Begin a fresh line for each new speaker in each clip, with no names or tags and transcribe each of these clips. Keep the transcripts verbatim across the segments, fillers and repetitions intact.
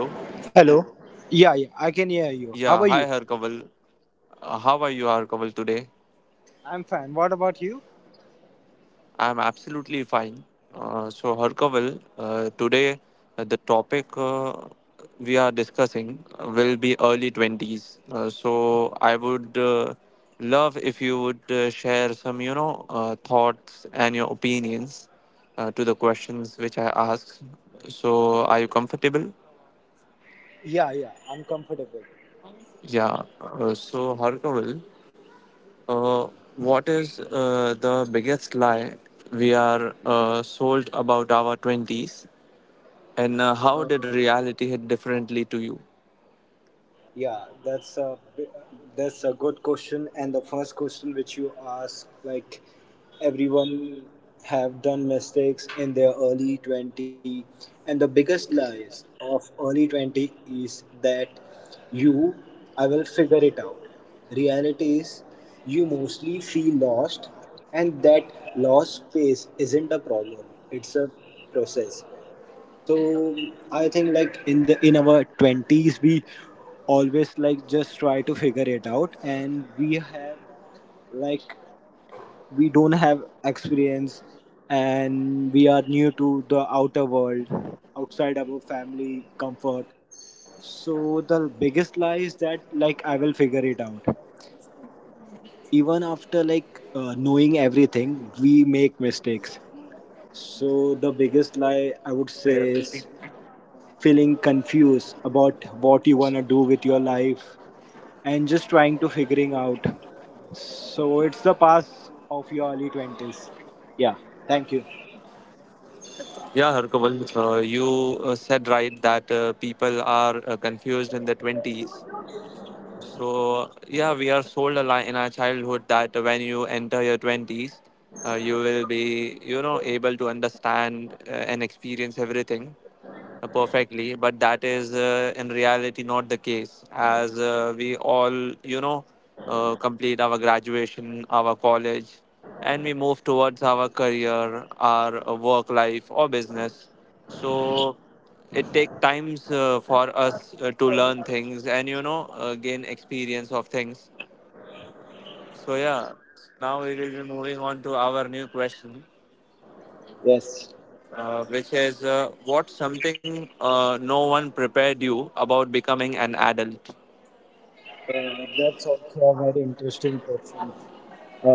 Hello.
Hello. Yeah, yeah, I can hear you. How
Yeah,
are you?
hi, Harkaval. Uh, how are you, Harkaval, today?
I'm fine. What about you?
I'm absolutely fine. Uh, so, Harkaval, uh, today uh, the topic uh, we are discussing will be early twenties. Uh, so, I would uh, love if you would uh, share some, you know, uh, thoughts and your opinions uh, to the questions which I asked. So, are you comfortable?
Yeah, yeah, I'm comfortable.
Yeah. Uh, so, Harkaval. Uh, what is uh, the biggest lie we are uh, sold about our twenties? And uh, how did reality hit differently to you?
Yeah, that's a that's a good question. And the first question which you ask, like everyone have done mistakes in their early twenty, and the biggest lies of early twenty is that you, I will figure it out. Reality is you mostly feel lost, and that lost space isn't a problem. It's a process. So I think like in the in our twenties we always like just try to figure it out and we have like we don't have experience and we are new to the outer world outside our family comfort, so the biggest lie is that like I will figure it out. Even after like uh, knowing everything we make mistakes, so the biggest lie I would say is feeling confused about what you want to do with your life and just trying to figuring out. So it's the past of your early twenties. Yeah, thank you.
Yeah, Harkaval, uh, you uh, said right that uh, people are uh, confused in their twenties. So, yeah, we are sold a lie in our childhood that uh, when you enter your twenties, uh, you will be, you know, able to understand uh, and experience everything uh, perfectly, but that is uh, in reality not the case, as uh, we all, you know, uh, complete our graduation, our college, and we move towards our career, our uh, work life, or business. So it takes times uh, for us uh, to learn things and you know, uh, gain experience of things. So, yeah, so now we will be moving on to our new question,
Yes.
uh, which is uh, what something uh, no one prepared you about becoming an adult.
Uh, that's also a very interesting question.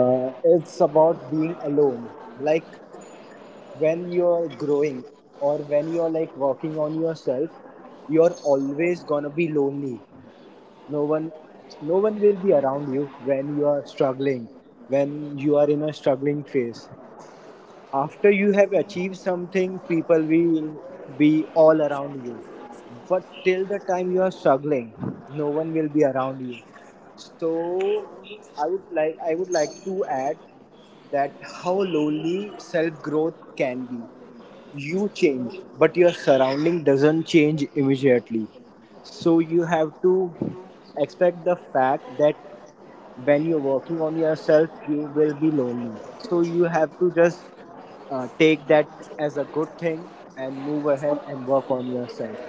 Uh, it's about being alone. Like when you're growing or when you're like working on yourself, you're always gonna be lonely. no one no one will be around you when you are struggling, when you are in a struggling phase. After you have achieved something people will be all around you, but till the time you are struggling no one will be around you. So i would like i would like to add that how lonely self growth can be. You change but your surrounding doesn't change immediately, so you have to expect the fact that when you're working on yourself you will be lonely. So you have to just uh, take that as a good thing and move ahead and work on yourself.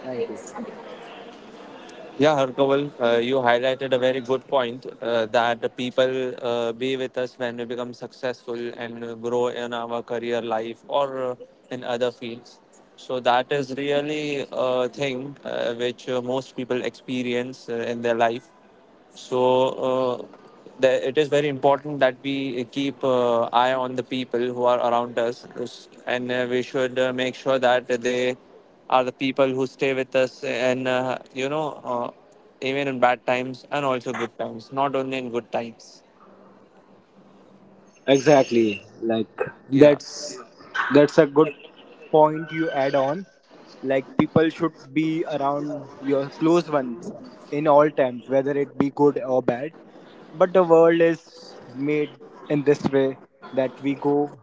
Thank you.
Yeah, Harkaval, uh, you highlighted a very good point uh, that the people uh, be with us when we become successful and uh, grow in our career life or uh, in other fields. So that is really a thing uh, which uh, most people experience uh, in their life. So uh, the, it is very important that we keep uh, eye on the people who are around us, and uh, we should uh, make sure that they are the people who stay with us, and uh, you know, uh, even in bad times and also good times, not only in good times.
Exactly. Like
Yeah.
that's that's a good point you add on. Like people should be around your close one in all times, whether it be good or bad. But the world is made in this way that we go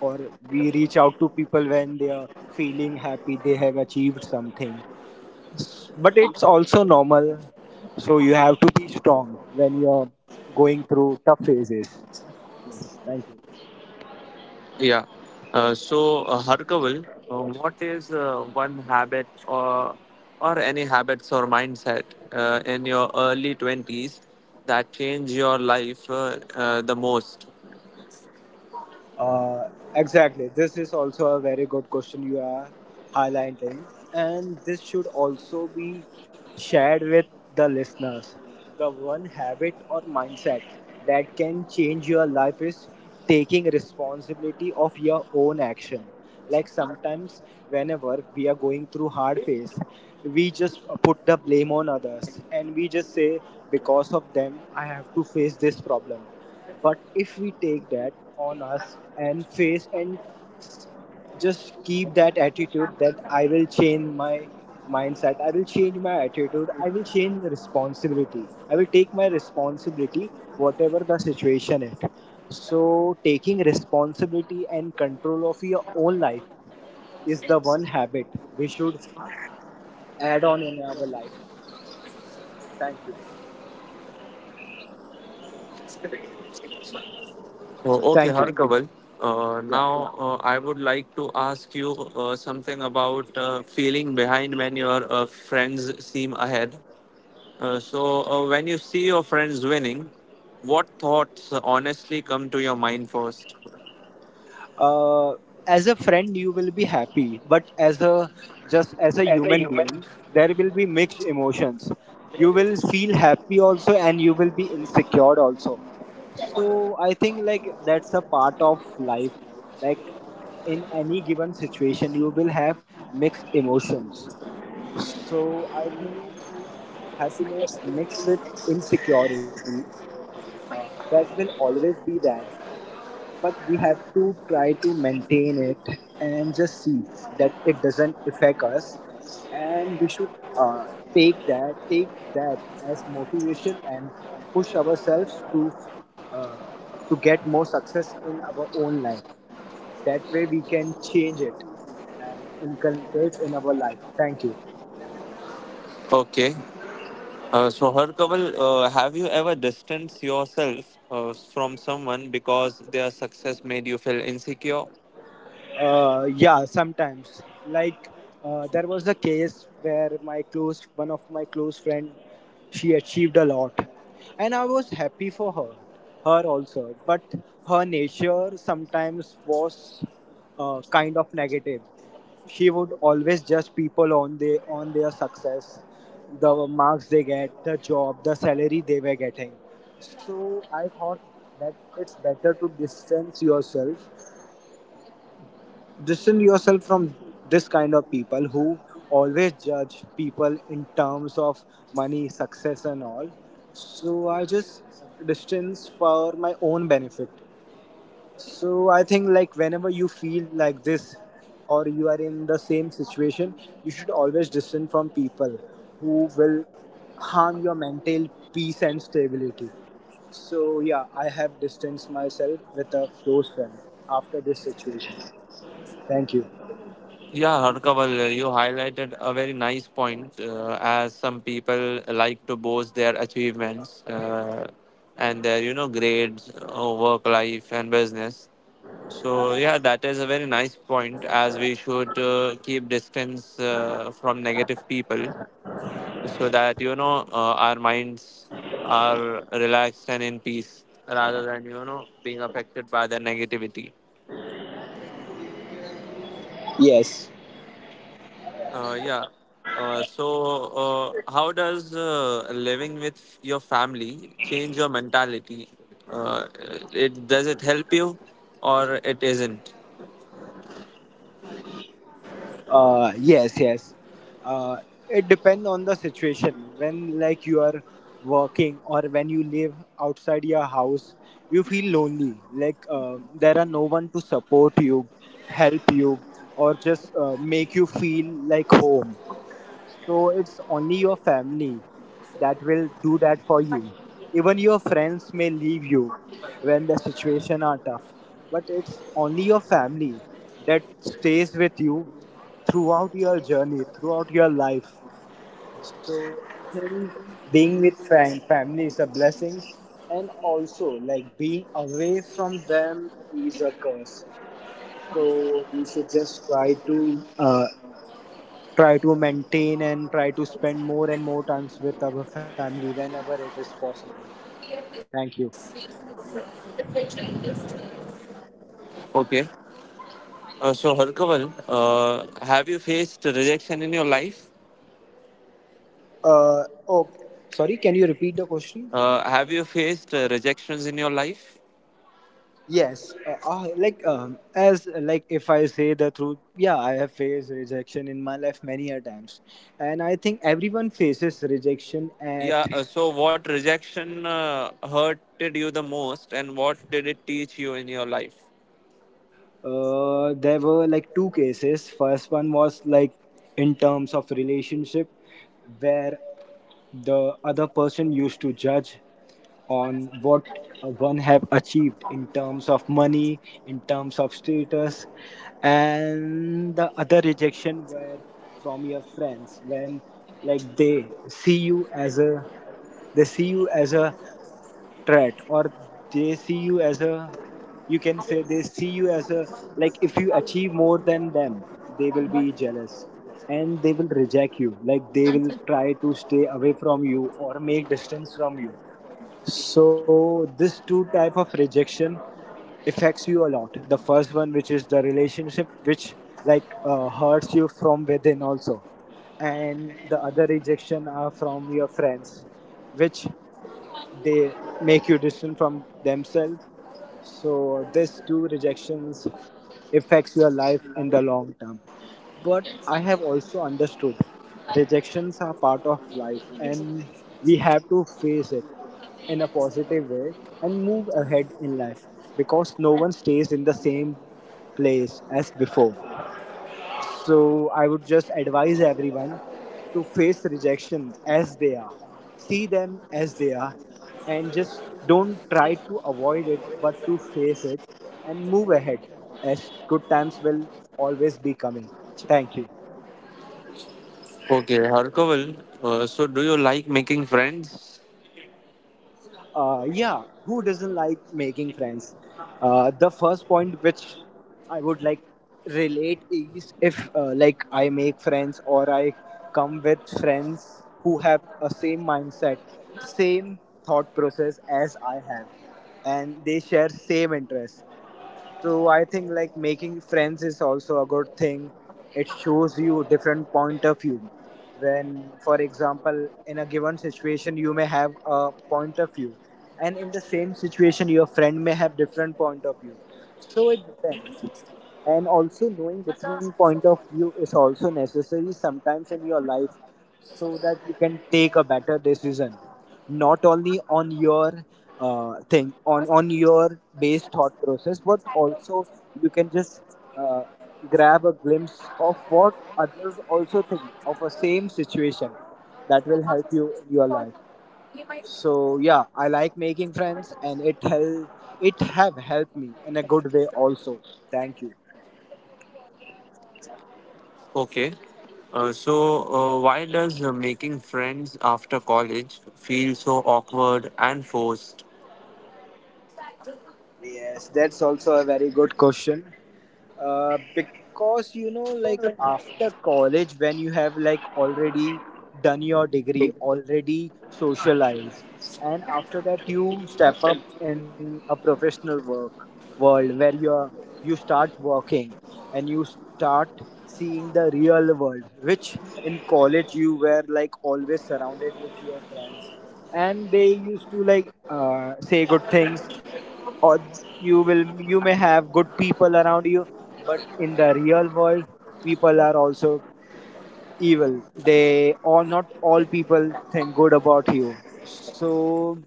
or we reach out to people when they are feeling happy they have achieved something. S- But it's also normal. So you have to be strong when you're going through tough phases. Yes, thank you.
Yeah. Uh, so, uh, Harkaval, uh, what is uh, one habit or or any habits or mindset uh, in your early twenties that change your life uh, uh, the most?
Uh, exactly. This is also a very good question you are highlighting, and this should also be shared with the listeners. The one habit or mindset that can change your life is taking responsibility of your own action. Like sometimes, whenever we are going through hard phase, we just put the blame on others and we just say, because of them, I have to face this problem. But if we take that on us and face and s- just keep that attitude that I will change my mindset, I will change my attitude, I will change the responsibility, I will take my responsibility, whatever the situation it. So, taking responsibility and control of your own life is the one habit we should add on in our life. Thank you.
Oh, okay,
Thank you.
Harkaval. Uh,
Yeah.
now, uh, I would like to ask you uh, something about uh, feeling behind when your uh, friends seem ahead. Uh, so, uh, when you see your friends winning, what thoughts uh, honestly come to your mind first?
uh, as a friend you will be happy, but as a just as a
As a
human
human.
being there will be mixed emotions. You will feel happy also and you will be insecure also. So I think like that's a part of life. Like in any given situation you will have mixed emotions. So I think happiness mixed with insecurity, uh, that will always be there. But we have to try to maintain it and just see that it doesn't affect us, and we should uh, take that take that as motivation and push ourselves to uh, to get more success in our own life. That way we can change it and inculcate in our life. Thank you.
Okay. Uh, so, Harkaval, uh, have you ever distanced yourself uh, from someone because their success made you feel insecure?
Uh, yeah, sometimes. Like uh, there was a case where my close one of my close friend, she achieved a lot, and I was happy for her, her also. But her nature sometimes was uh, kind of negative. She would always judge people on the on their success, the marks they get, the job, the salary they were getting. So I thought that it's better to distance yourself Distance yourself from this kind of people who always judge people in terms of money, success, and all. So I just distance for my own benefit. So I think like whenever you feel like this or you are in the same situation, you should always distance from people who will harm your mental peace and stability. So yeah, I have distanced myself with a close friend after this situation. Thank you.
Yeah, Harkaval, uh, you highlighted a very nice point uh, as some people like to boast their achievements uh, and their, you know, grades, uh, work life, and business. So, yeah, that is a very nice point, as we should uh, keep distance uh, from negative people, so that you know uh, our minds are relaxed and in peace rather than, you know being affected by the negativity.
Yes.
Uh, yeah. Uh, so uh, how does uh, living with your family change your mentality? Uh, it does it help you, or it isn't?
Uh, yes, yes. Uh, it depends on the situation. When like you are working or when you live outside your house, you feel lonely. Like uh, there are no one to support you, help you, or just uh, make you feel like home. So it's only your family that will do that for you. Even your friends may leave you when the situation are tough. But it's only your family that stays with you throughout your journey, throughout your life. So I think being with fam- family is a blessing, and also like being away from them is a curse. So we should just try to uh, try to maintain and try to spend more and more times with our family whenever it is possible. Thank you.
Okay. Uh, so Harkaval, uh, have you faced rejection in your life?
Uh, oh, sorry. Can you repeat the question?
Uh, have you faced uh, rejections in your life?
Yes, uh, uh, like um, as like if I say the truth, yeah, I have faced rejection in my life many a times, and I think everyone faces rejection at.
Yeah. Uh, so, what rejection uh, hurted you the most, and what did it teach you in your life?
Uh, there were like two cases. First one was like in terms of relationship, where the other person used to judge on what one have achieved in terms of money, in terms of status. And the other rejection were from your friends when like they see you as a they see you as a threat or they see you as a you can say they see you as a, like if you achieve more than them they will be jealous and they will reject you. Like they will try to stay away from you or make distance from you. So this two type of rejection affects you a lot. The first one, which is the relationship, which like uh, hurts you from within also, and the other rejection are from your friends, which they make you distant from themselves. So this two rejections affects your life in the long term. But I have also understood rejections are part of life and we have to face it in a positive way and move ahead in life, because no one stays in the same place as before. So I would just advise everyone to face rejection as they are. See them as they are and just don't try to avoid it but to face it and move ahead, as good times will always be coming. Thank you.
Okay, Harkaval. Uh, so, do you like making friends?
Uh, yeah, who doesn't like making friends? Uh, the first point which I would like relate is if uh, like I make friends or I come with friends who have a same mindset, same thought process as I have, and they share same interests. So I think like making friends is also a good thing. It shows you different point of view. When, for example, in a given situation, you may have a point of view, and in the same situation, your friend may have different point of view. So it depends. And also knowing different point of view is also necessary sometimes in your life so that you can take a better decision not only on your uh, thing on on your base thought process but also you can just uh, grab a glimpse of what others also think of a same situation. That will help you in your life. So yeah, I like making friends and it help it have helped me in a good way also. Thank you.
Okay. Uh, so, uh, why does uh, making friends after college feel so awkward and forced?
Yes, that's also a very good question. Uh, because you know like after college when you have like already done your degree, already socialized, and after that you step up in a professional work world where you are you start working and you start seeing the real world, which in college you were like always surrounded with your friends and they used to like uh, say good things, or you will you may have good people around you. But in the real world people are also evil. They, or not all people think good about you. So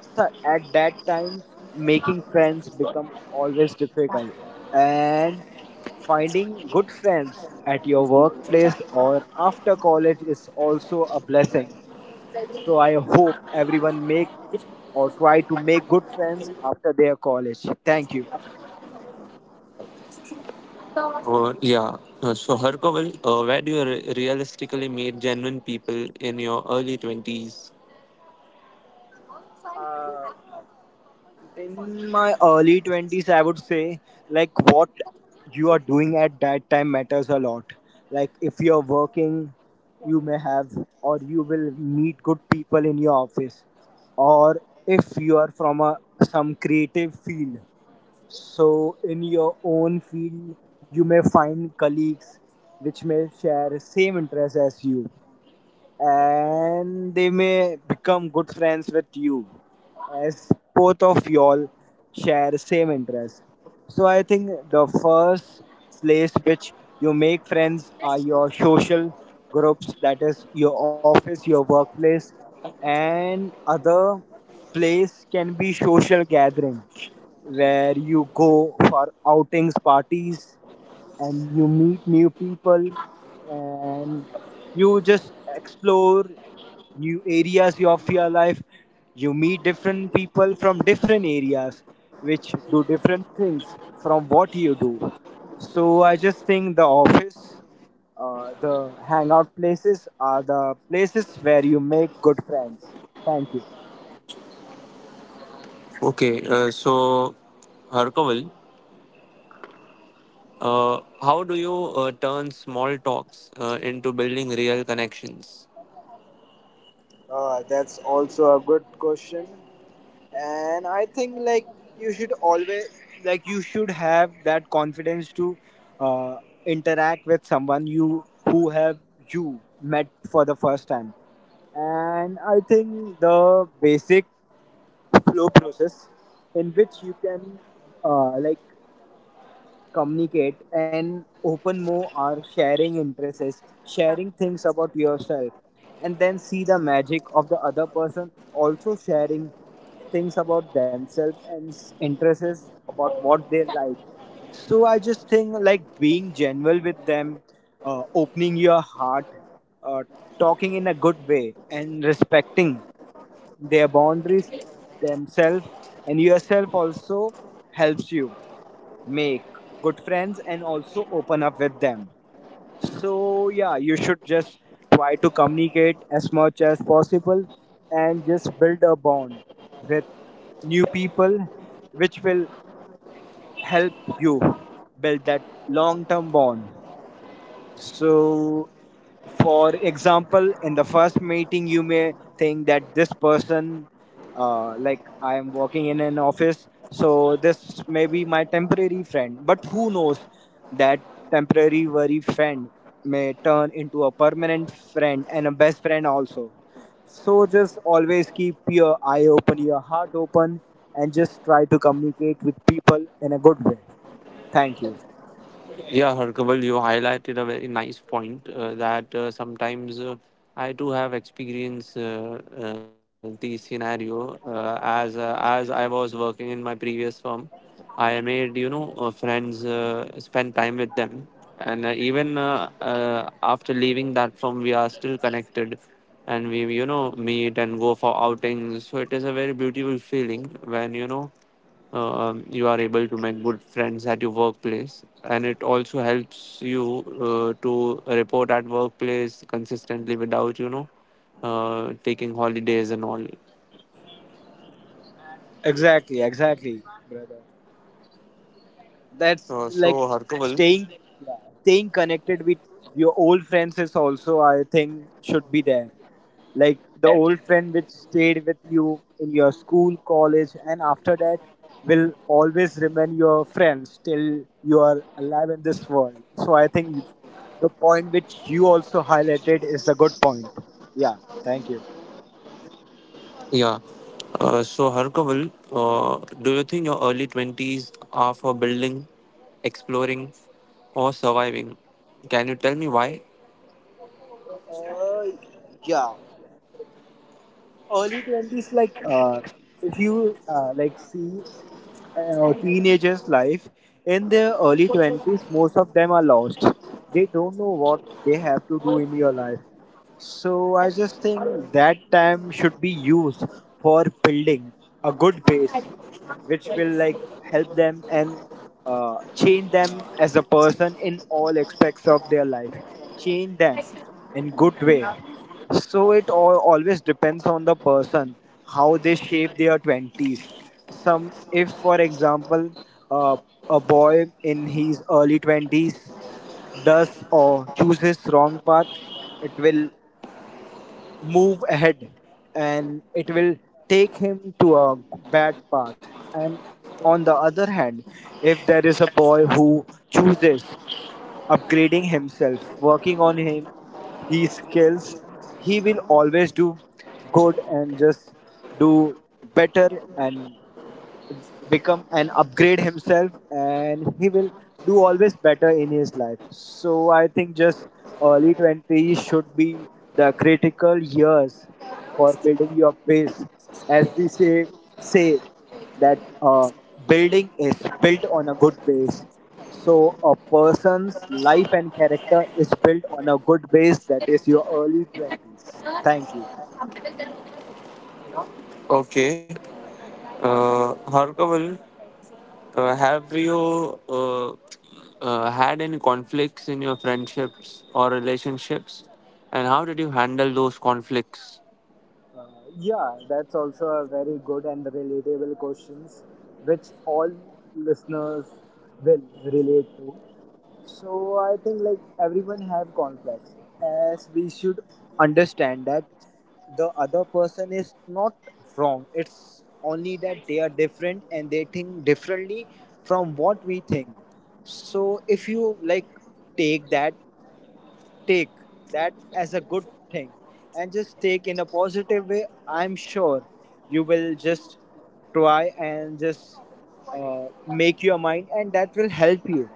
sir, at that time making friends become always difficult, and finding good friends at your workplace or after college is also a blessing. So I hope everyone make or try to make good friends after their college. Thank you.
Uh, yeah. Uh, so, Harkaval, uh, where do you re- realistically meet genuine people in your early twenties?
Uh, in my early twenties, I would say, like, what you are doing at that time matters a lot. Like, if you're working, you may have, or you will meet good people in your office, or if you are from a some creative field. So, in your own field, you may find colleagues which may share same interests as you and they may become good friends with you as both of y'all share same interests. So I think the first place which you make friends are your social groups, that is your office, your workplace. And other place can be social gathering where you go for outings, parties, and you meet new people and you just explore new areas of your life. You meet different people from different areas which do different things from what you do. So I just think the office, uh, the hangout places are the places where you make good friends. Thank you.
Okay. Uh, so, Harkaval. Uh, how do you uh, turn small talks uh, into building real connections?
Uh, that's also a good question. And I think like you should always, like, you should have that confidence to uh, interact with someone you who have you met for the first time. And I think the basic flow process in which you can uh, like communicate and open more are sharing interests, sharing things about yourself, and then see the magic of the other person also sharing things about themselves and s- interests about what they like. So I just think like being genuine with them, uh, opening your heart, uh, talking in a good way and respecting their boundaries, themselves and yourself also, helps you make good friends and also open up with them. So, yeah, you should just try to communicate as much as possible and just build a bond with new people, which will help you build that long term bond. So, for example, in the first meeting, you may think that this person, uh, like, I am working in an office, so this may be my temporary friend. But who knows that temporary worry friend may turn into a permanent friend and a best friend also. So, just always keep your eye open, your heart open, and just try to communicate with people in a good way. Thank you.
Yeah, Harkaval, you highlighted a very nice point uh, that uh, sometimes uh, I do have experience uh, uh, the scenario uh, as uh, as I was working in my previous firm. I made you know uh, friends, uh, spend time with them, and uh, even uh, uh, after leaving that firm, we are still connected, and we you know meet and go for outings. So it is a very beautiful feeling when you know uh, um, you are able to make good friends at your workplace, and it also helps you uh, to report at workplace consistently without you know uh, taking holidays and all.
Exactly, exactly, brother.
Uh, so
That's like
harkaval
staying staying connected with your old friends is also, I think, should be there. Like the old friend which stayed with you in your school, college, and after that will always remain your friends till you are alive in this world. So I think you, the point which you also highlighted is a good point. Yeah, thank you.
Yeah. Uh, so harkaval uh, do you think your early twenties are for building, exploring, or surviving? Can you tell me why?
Uh, yeah. Early twenties, like, uh, if you uh, like see uh, teenagers life in their early twenties, most of them are lost, they don't know what they have to do in your life. So I just think that time should be used for building a good base, which will like help them and uh, change them as a person in all aspects of their life, change them in good way. So it all, always depends on the person how they shape their twenties. Some, if for example, uh, a boy in his early twenties does or chooses wrong path, it will move ahead and it will take him to a bad path. And on the other hand, if there is a boy who chooses upgrading himself, working on him, his skills, he will always do good and just do better and become and upgrade himself, and he will do always better in his life. So I think just early twenties should be the critical years for building your base. As we say, say that uh, building is built on a good base, so a person's life and character is built on a good base, that is your early twenties. Thank you.
Okay. Uh, harkaval Uh, have you uh, uh, had any conflicts in your friendships or relationships? And how did you handle those conflicts?
Uh, yeah, that's also a very good and relatable questions which all listeners will relate to. So I think like everyone have conflicts, as we should understand that the other person is not wrong. It's only that they are different and they think differently from what we think. So if you like take that take that as a good thing and just take in a positive way, I'm sure you will just try and just uh, make your mind, and that will help you.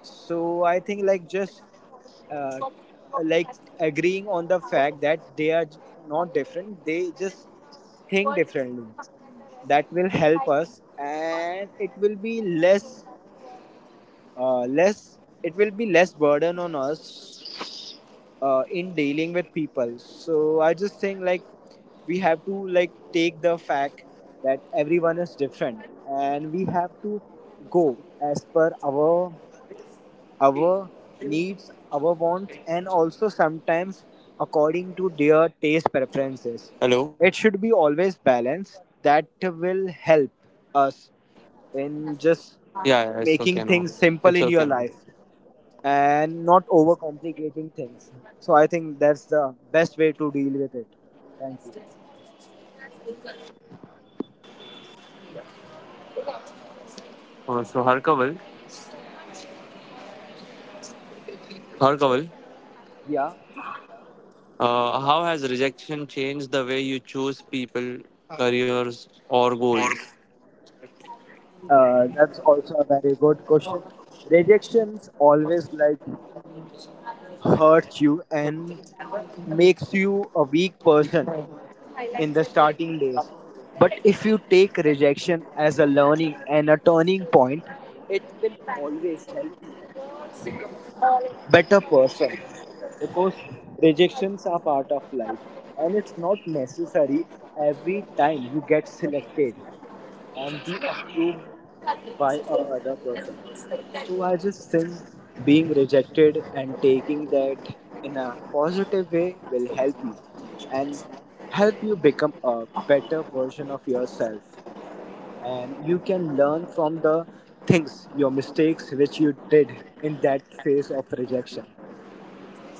So I think like just uh, like agreeing on the fact that they are j- not different, they just think differently, that will help us, and it will be less, uh, less it will be less burden on us uh, in dealing with people. So I just think like we have to like take the fact that everyone is different, and we have to go as per our our needs, our wants, and also sometimes according to their taste
Hello?
preferences. It should be always balanced.
Your
That
voice is not
will
audible.
help us in just
Yeah, yeah, it's okay now.
making things
It's okay
simple in
now.
your life and not overcomplicating things. So I think that's the best way to deal with it. Thank you.
Uh, so, Harkaval, Harkaval,
Yeah,
uh, how has rejection changed the way you choose people, careers, or goals?
uh, that's also a very good question. Rejections always like hurts you and makes you a weak person in the starting days. But if you take rejection as a learning and a turning point, it will always help you become a better person, because rejections are part of life and it's not necessary every time you get selected and be approved by a other person. So I just think being rejected and taking that in a positive way will help you and help you become a better version of yourself. And you can learn from the things, your mistakes which you did in that phase of rejection,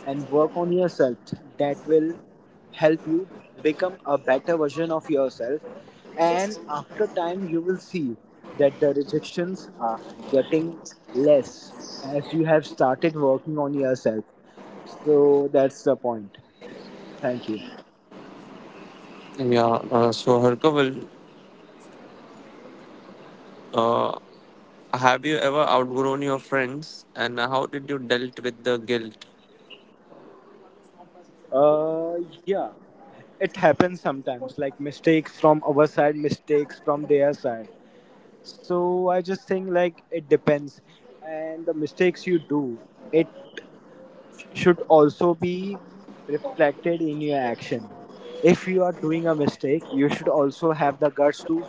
and work on yourself. That will help you become a better version of yourself, and after time you will see that the rejections are getting less as you have started working on yourself. So that's the point. Thank you.
Yeah, uh, so Harkaval, uh, have you ever outgrown your friends, and how did you dealt with the guilt?
Uh yeah, it happens sometimes, like mistakes from our side, mistakes from their side. So I just think like it depends, and the mistakes you do, it should also be reflected in your action. If you are doing a mistake, you should also have the guts to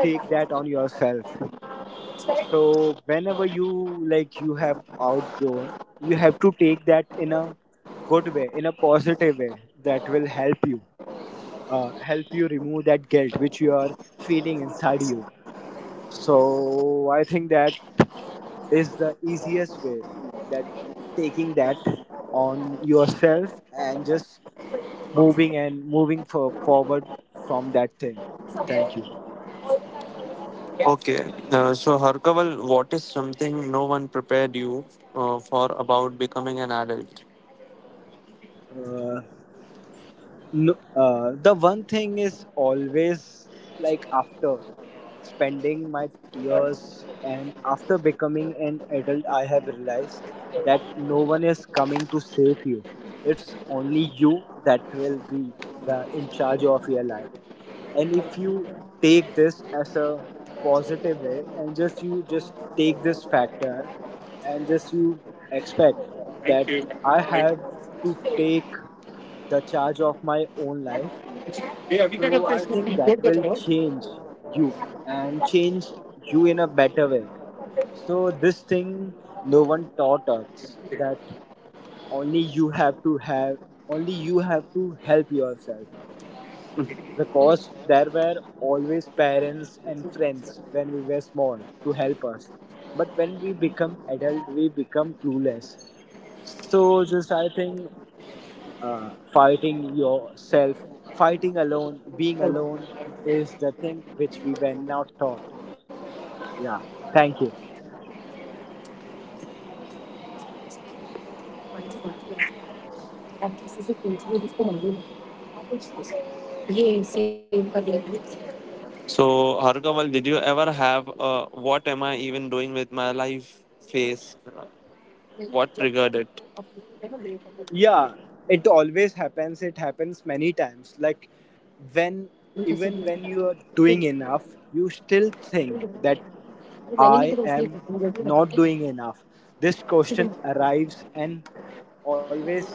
take that on yourself. So whenever you like you have outgrown, you have to take that in a good way, in a positive way, that will help you, uh, help you remove that guilt which you are feeling inside you. So I think that is the easiest way, that taking that on yourself and just moving and moving for, forward from that thing. Thank you.
Okay, uh, so Harkaval, what is something no one prepared you uh, for about becoming an adult?
Uh, No, uh, the one thing is always, like, after spending my years and after becoming an adult, I have realized that no one is coming to save you. It's only you that will be the in charge of your life. And if you take this as a positive way and just you just take this factor and just you expect that
Thank you.
I
Like,
have to take the charge of my own life.
yeah, we got a
So
place
I
to
think
be
that
good with
will
her.
change you and change you in a better way. So this thing no one taught us, that only you have to have, only you have to help yourself, because there were always parents and friends when we were small to help us, but when we become adult we become clueless. So just I think uh, fighting yourself, fighting alone, being alone is the thing which we were not taught. Yeah, thank you.
So, Harkaval, did you ever have a what am I even doing with my life phase? What triggered it?
Yeah, it always happens. It happens many times. Like when, even when you are doing enough, you still think that I am not doing enough. This question arrives and always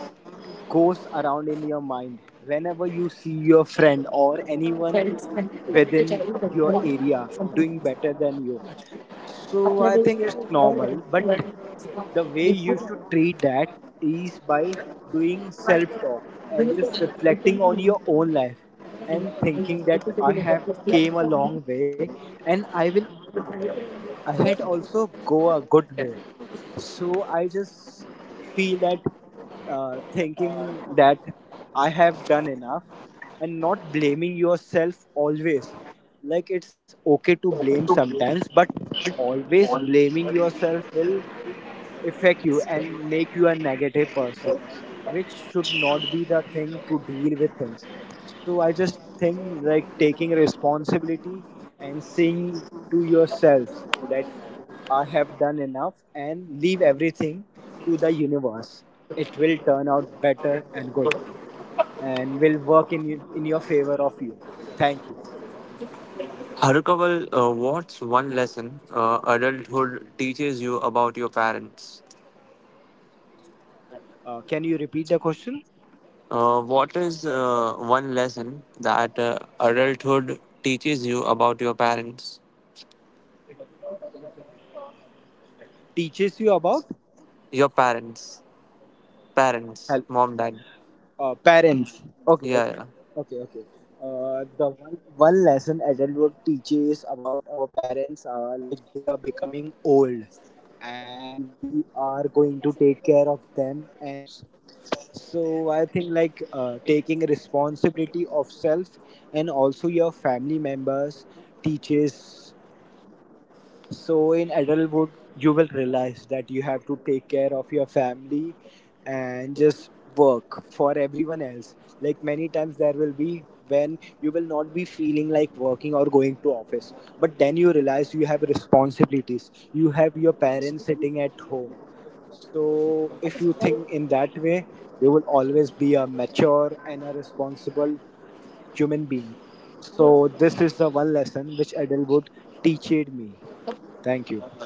goes around in your mind whenever you see your friend or anyone within your area doing better than you. So I think it's normal, but the way you should treat that is by doing self talk and just reflecting on your own life and thinking that I have came a long way, and I will ahead also go a good way. So I just feel that uh, thinking that I have done enough, and not blaming yourself always. Like it's okay to blame sometimes, but always blaming yourself will affect you and make you a negative person, which should not be the thing to deal with things. So I just think like taking responsibility and saying to yourself that I have done enough, and leave everything to the universe. It will turn out better and good, and will work in you- in your favor of you. Thank you.
Harkaval, uh, what's one lesson uh, adulthood teaches you about your parents?
Uh, can you repeat the question?
Uh, what is uh, one lesson that uh, adulthood teaches you about your parents?
Teaches you about
Your parents, parents,
help
mom, dad.
uh, parents. Okay,
Yeah, yeah.
okay, okay, okay. Uh, the one one lesson adulthood teaches about our parents are like they are becoming old, and we are going to take care of them and our house. So I think like uh, taking responsibility of self and also your family members teaches. So in adulthood, you will realize that you have to take care of your family and just work for everyone else. Like many times there will be when you will not be feeling like working or going to office, but then you realize you have responsibilities, you have your parents sitting at home. So if you think in that way, you will always be a mature and a responsible human being. So this is the one lesson which adulthood teached me. Thank you.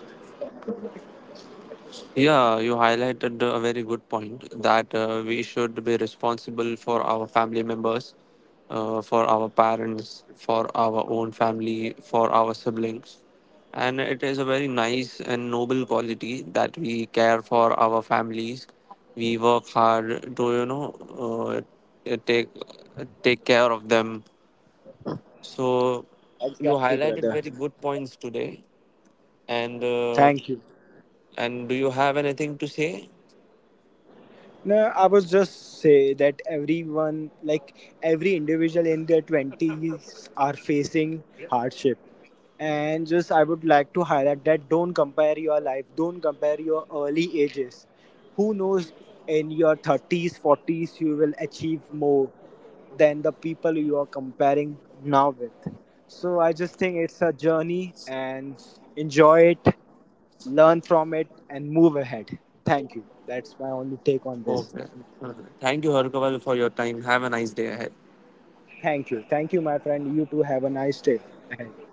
Yeah, you highlighted a very good point that uh, we should be responsible for our family members, uh, for our parents, for our own family, for our siblings. And it is a very nice and noble quality that we care for our families. We work hard to, you know, uh, take take care of them. So you
Exactly,
highlighted
brother.
very good points today, and uh,
Thank you.
and do you have anything to say?
No, I was just say that everyone, like every individual in their twenties, are facing hardship. And just I would like to highlight that don't compare your life, don't compare your early ages. Who knows? In your thirties, forties, you will achieve more than the people you are comparing now with. So I just think it's a journey and enjoy it, learn from it, and move ahead. Thank you. That's my only take on
Okay.
this.
Thank you, Harkaval, for your time. Have a nice day ahead.
Thank you, thank you my friend, you too have a nice day ahead.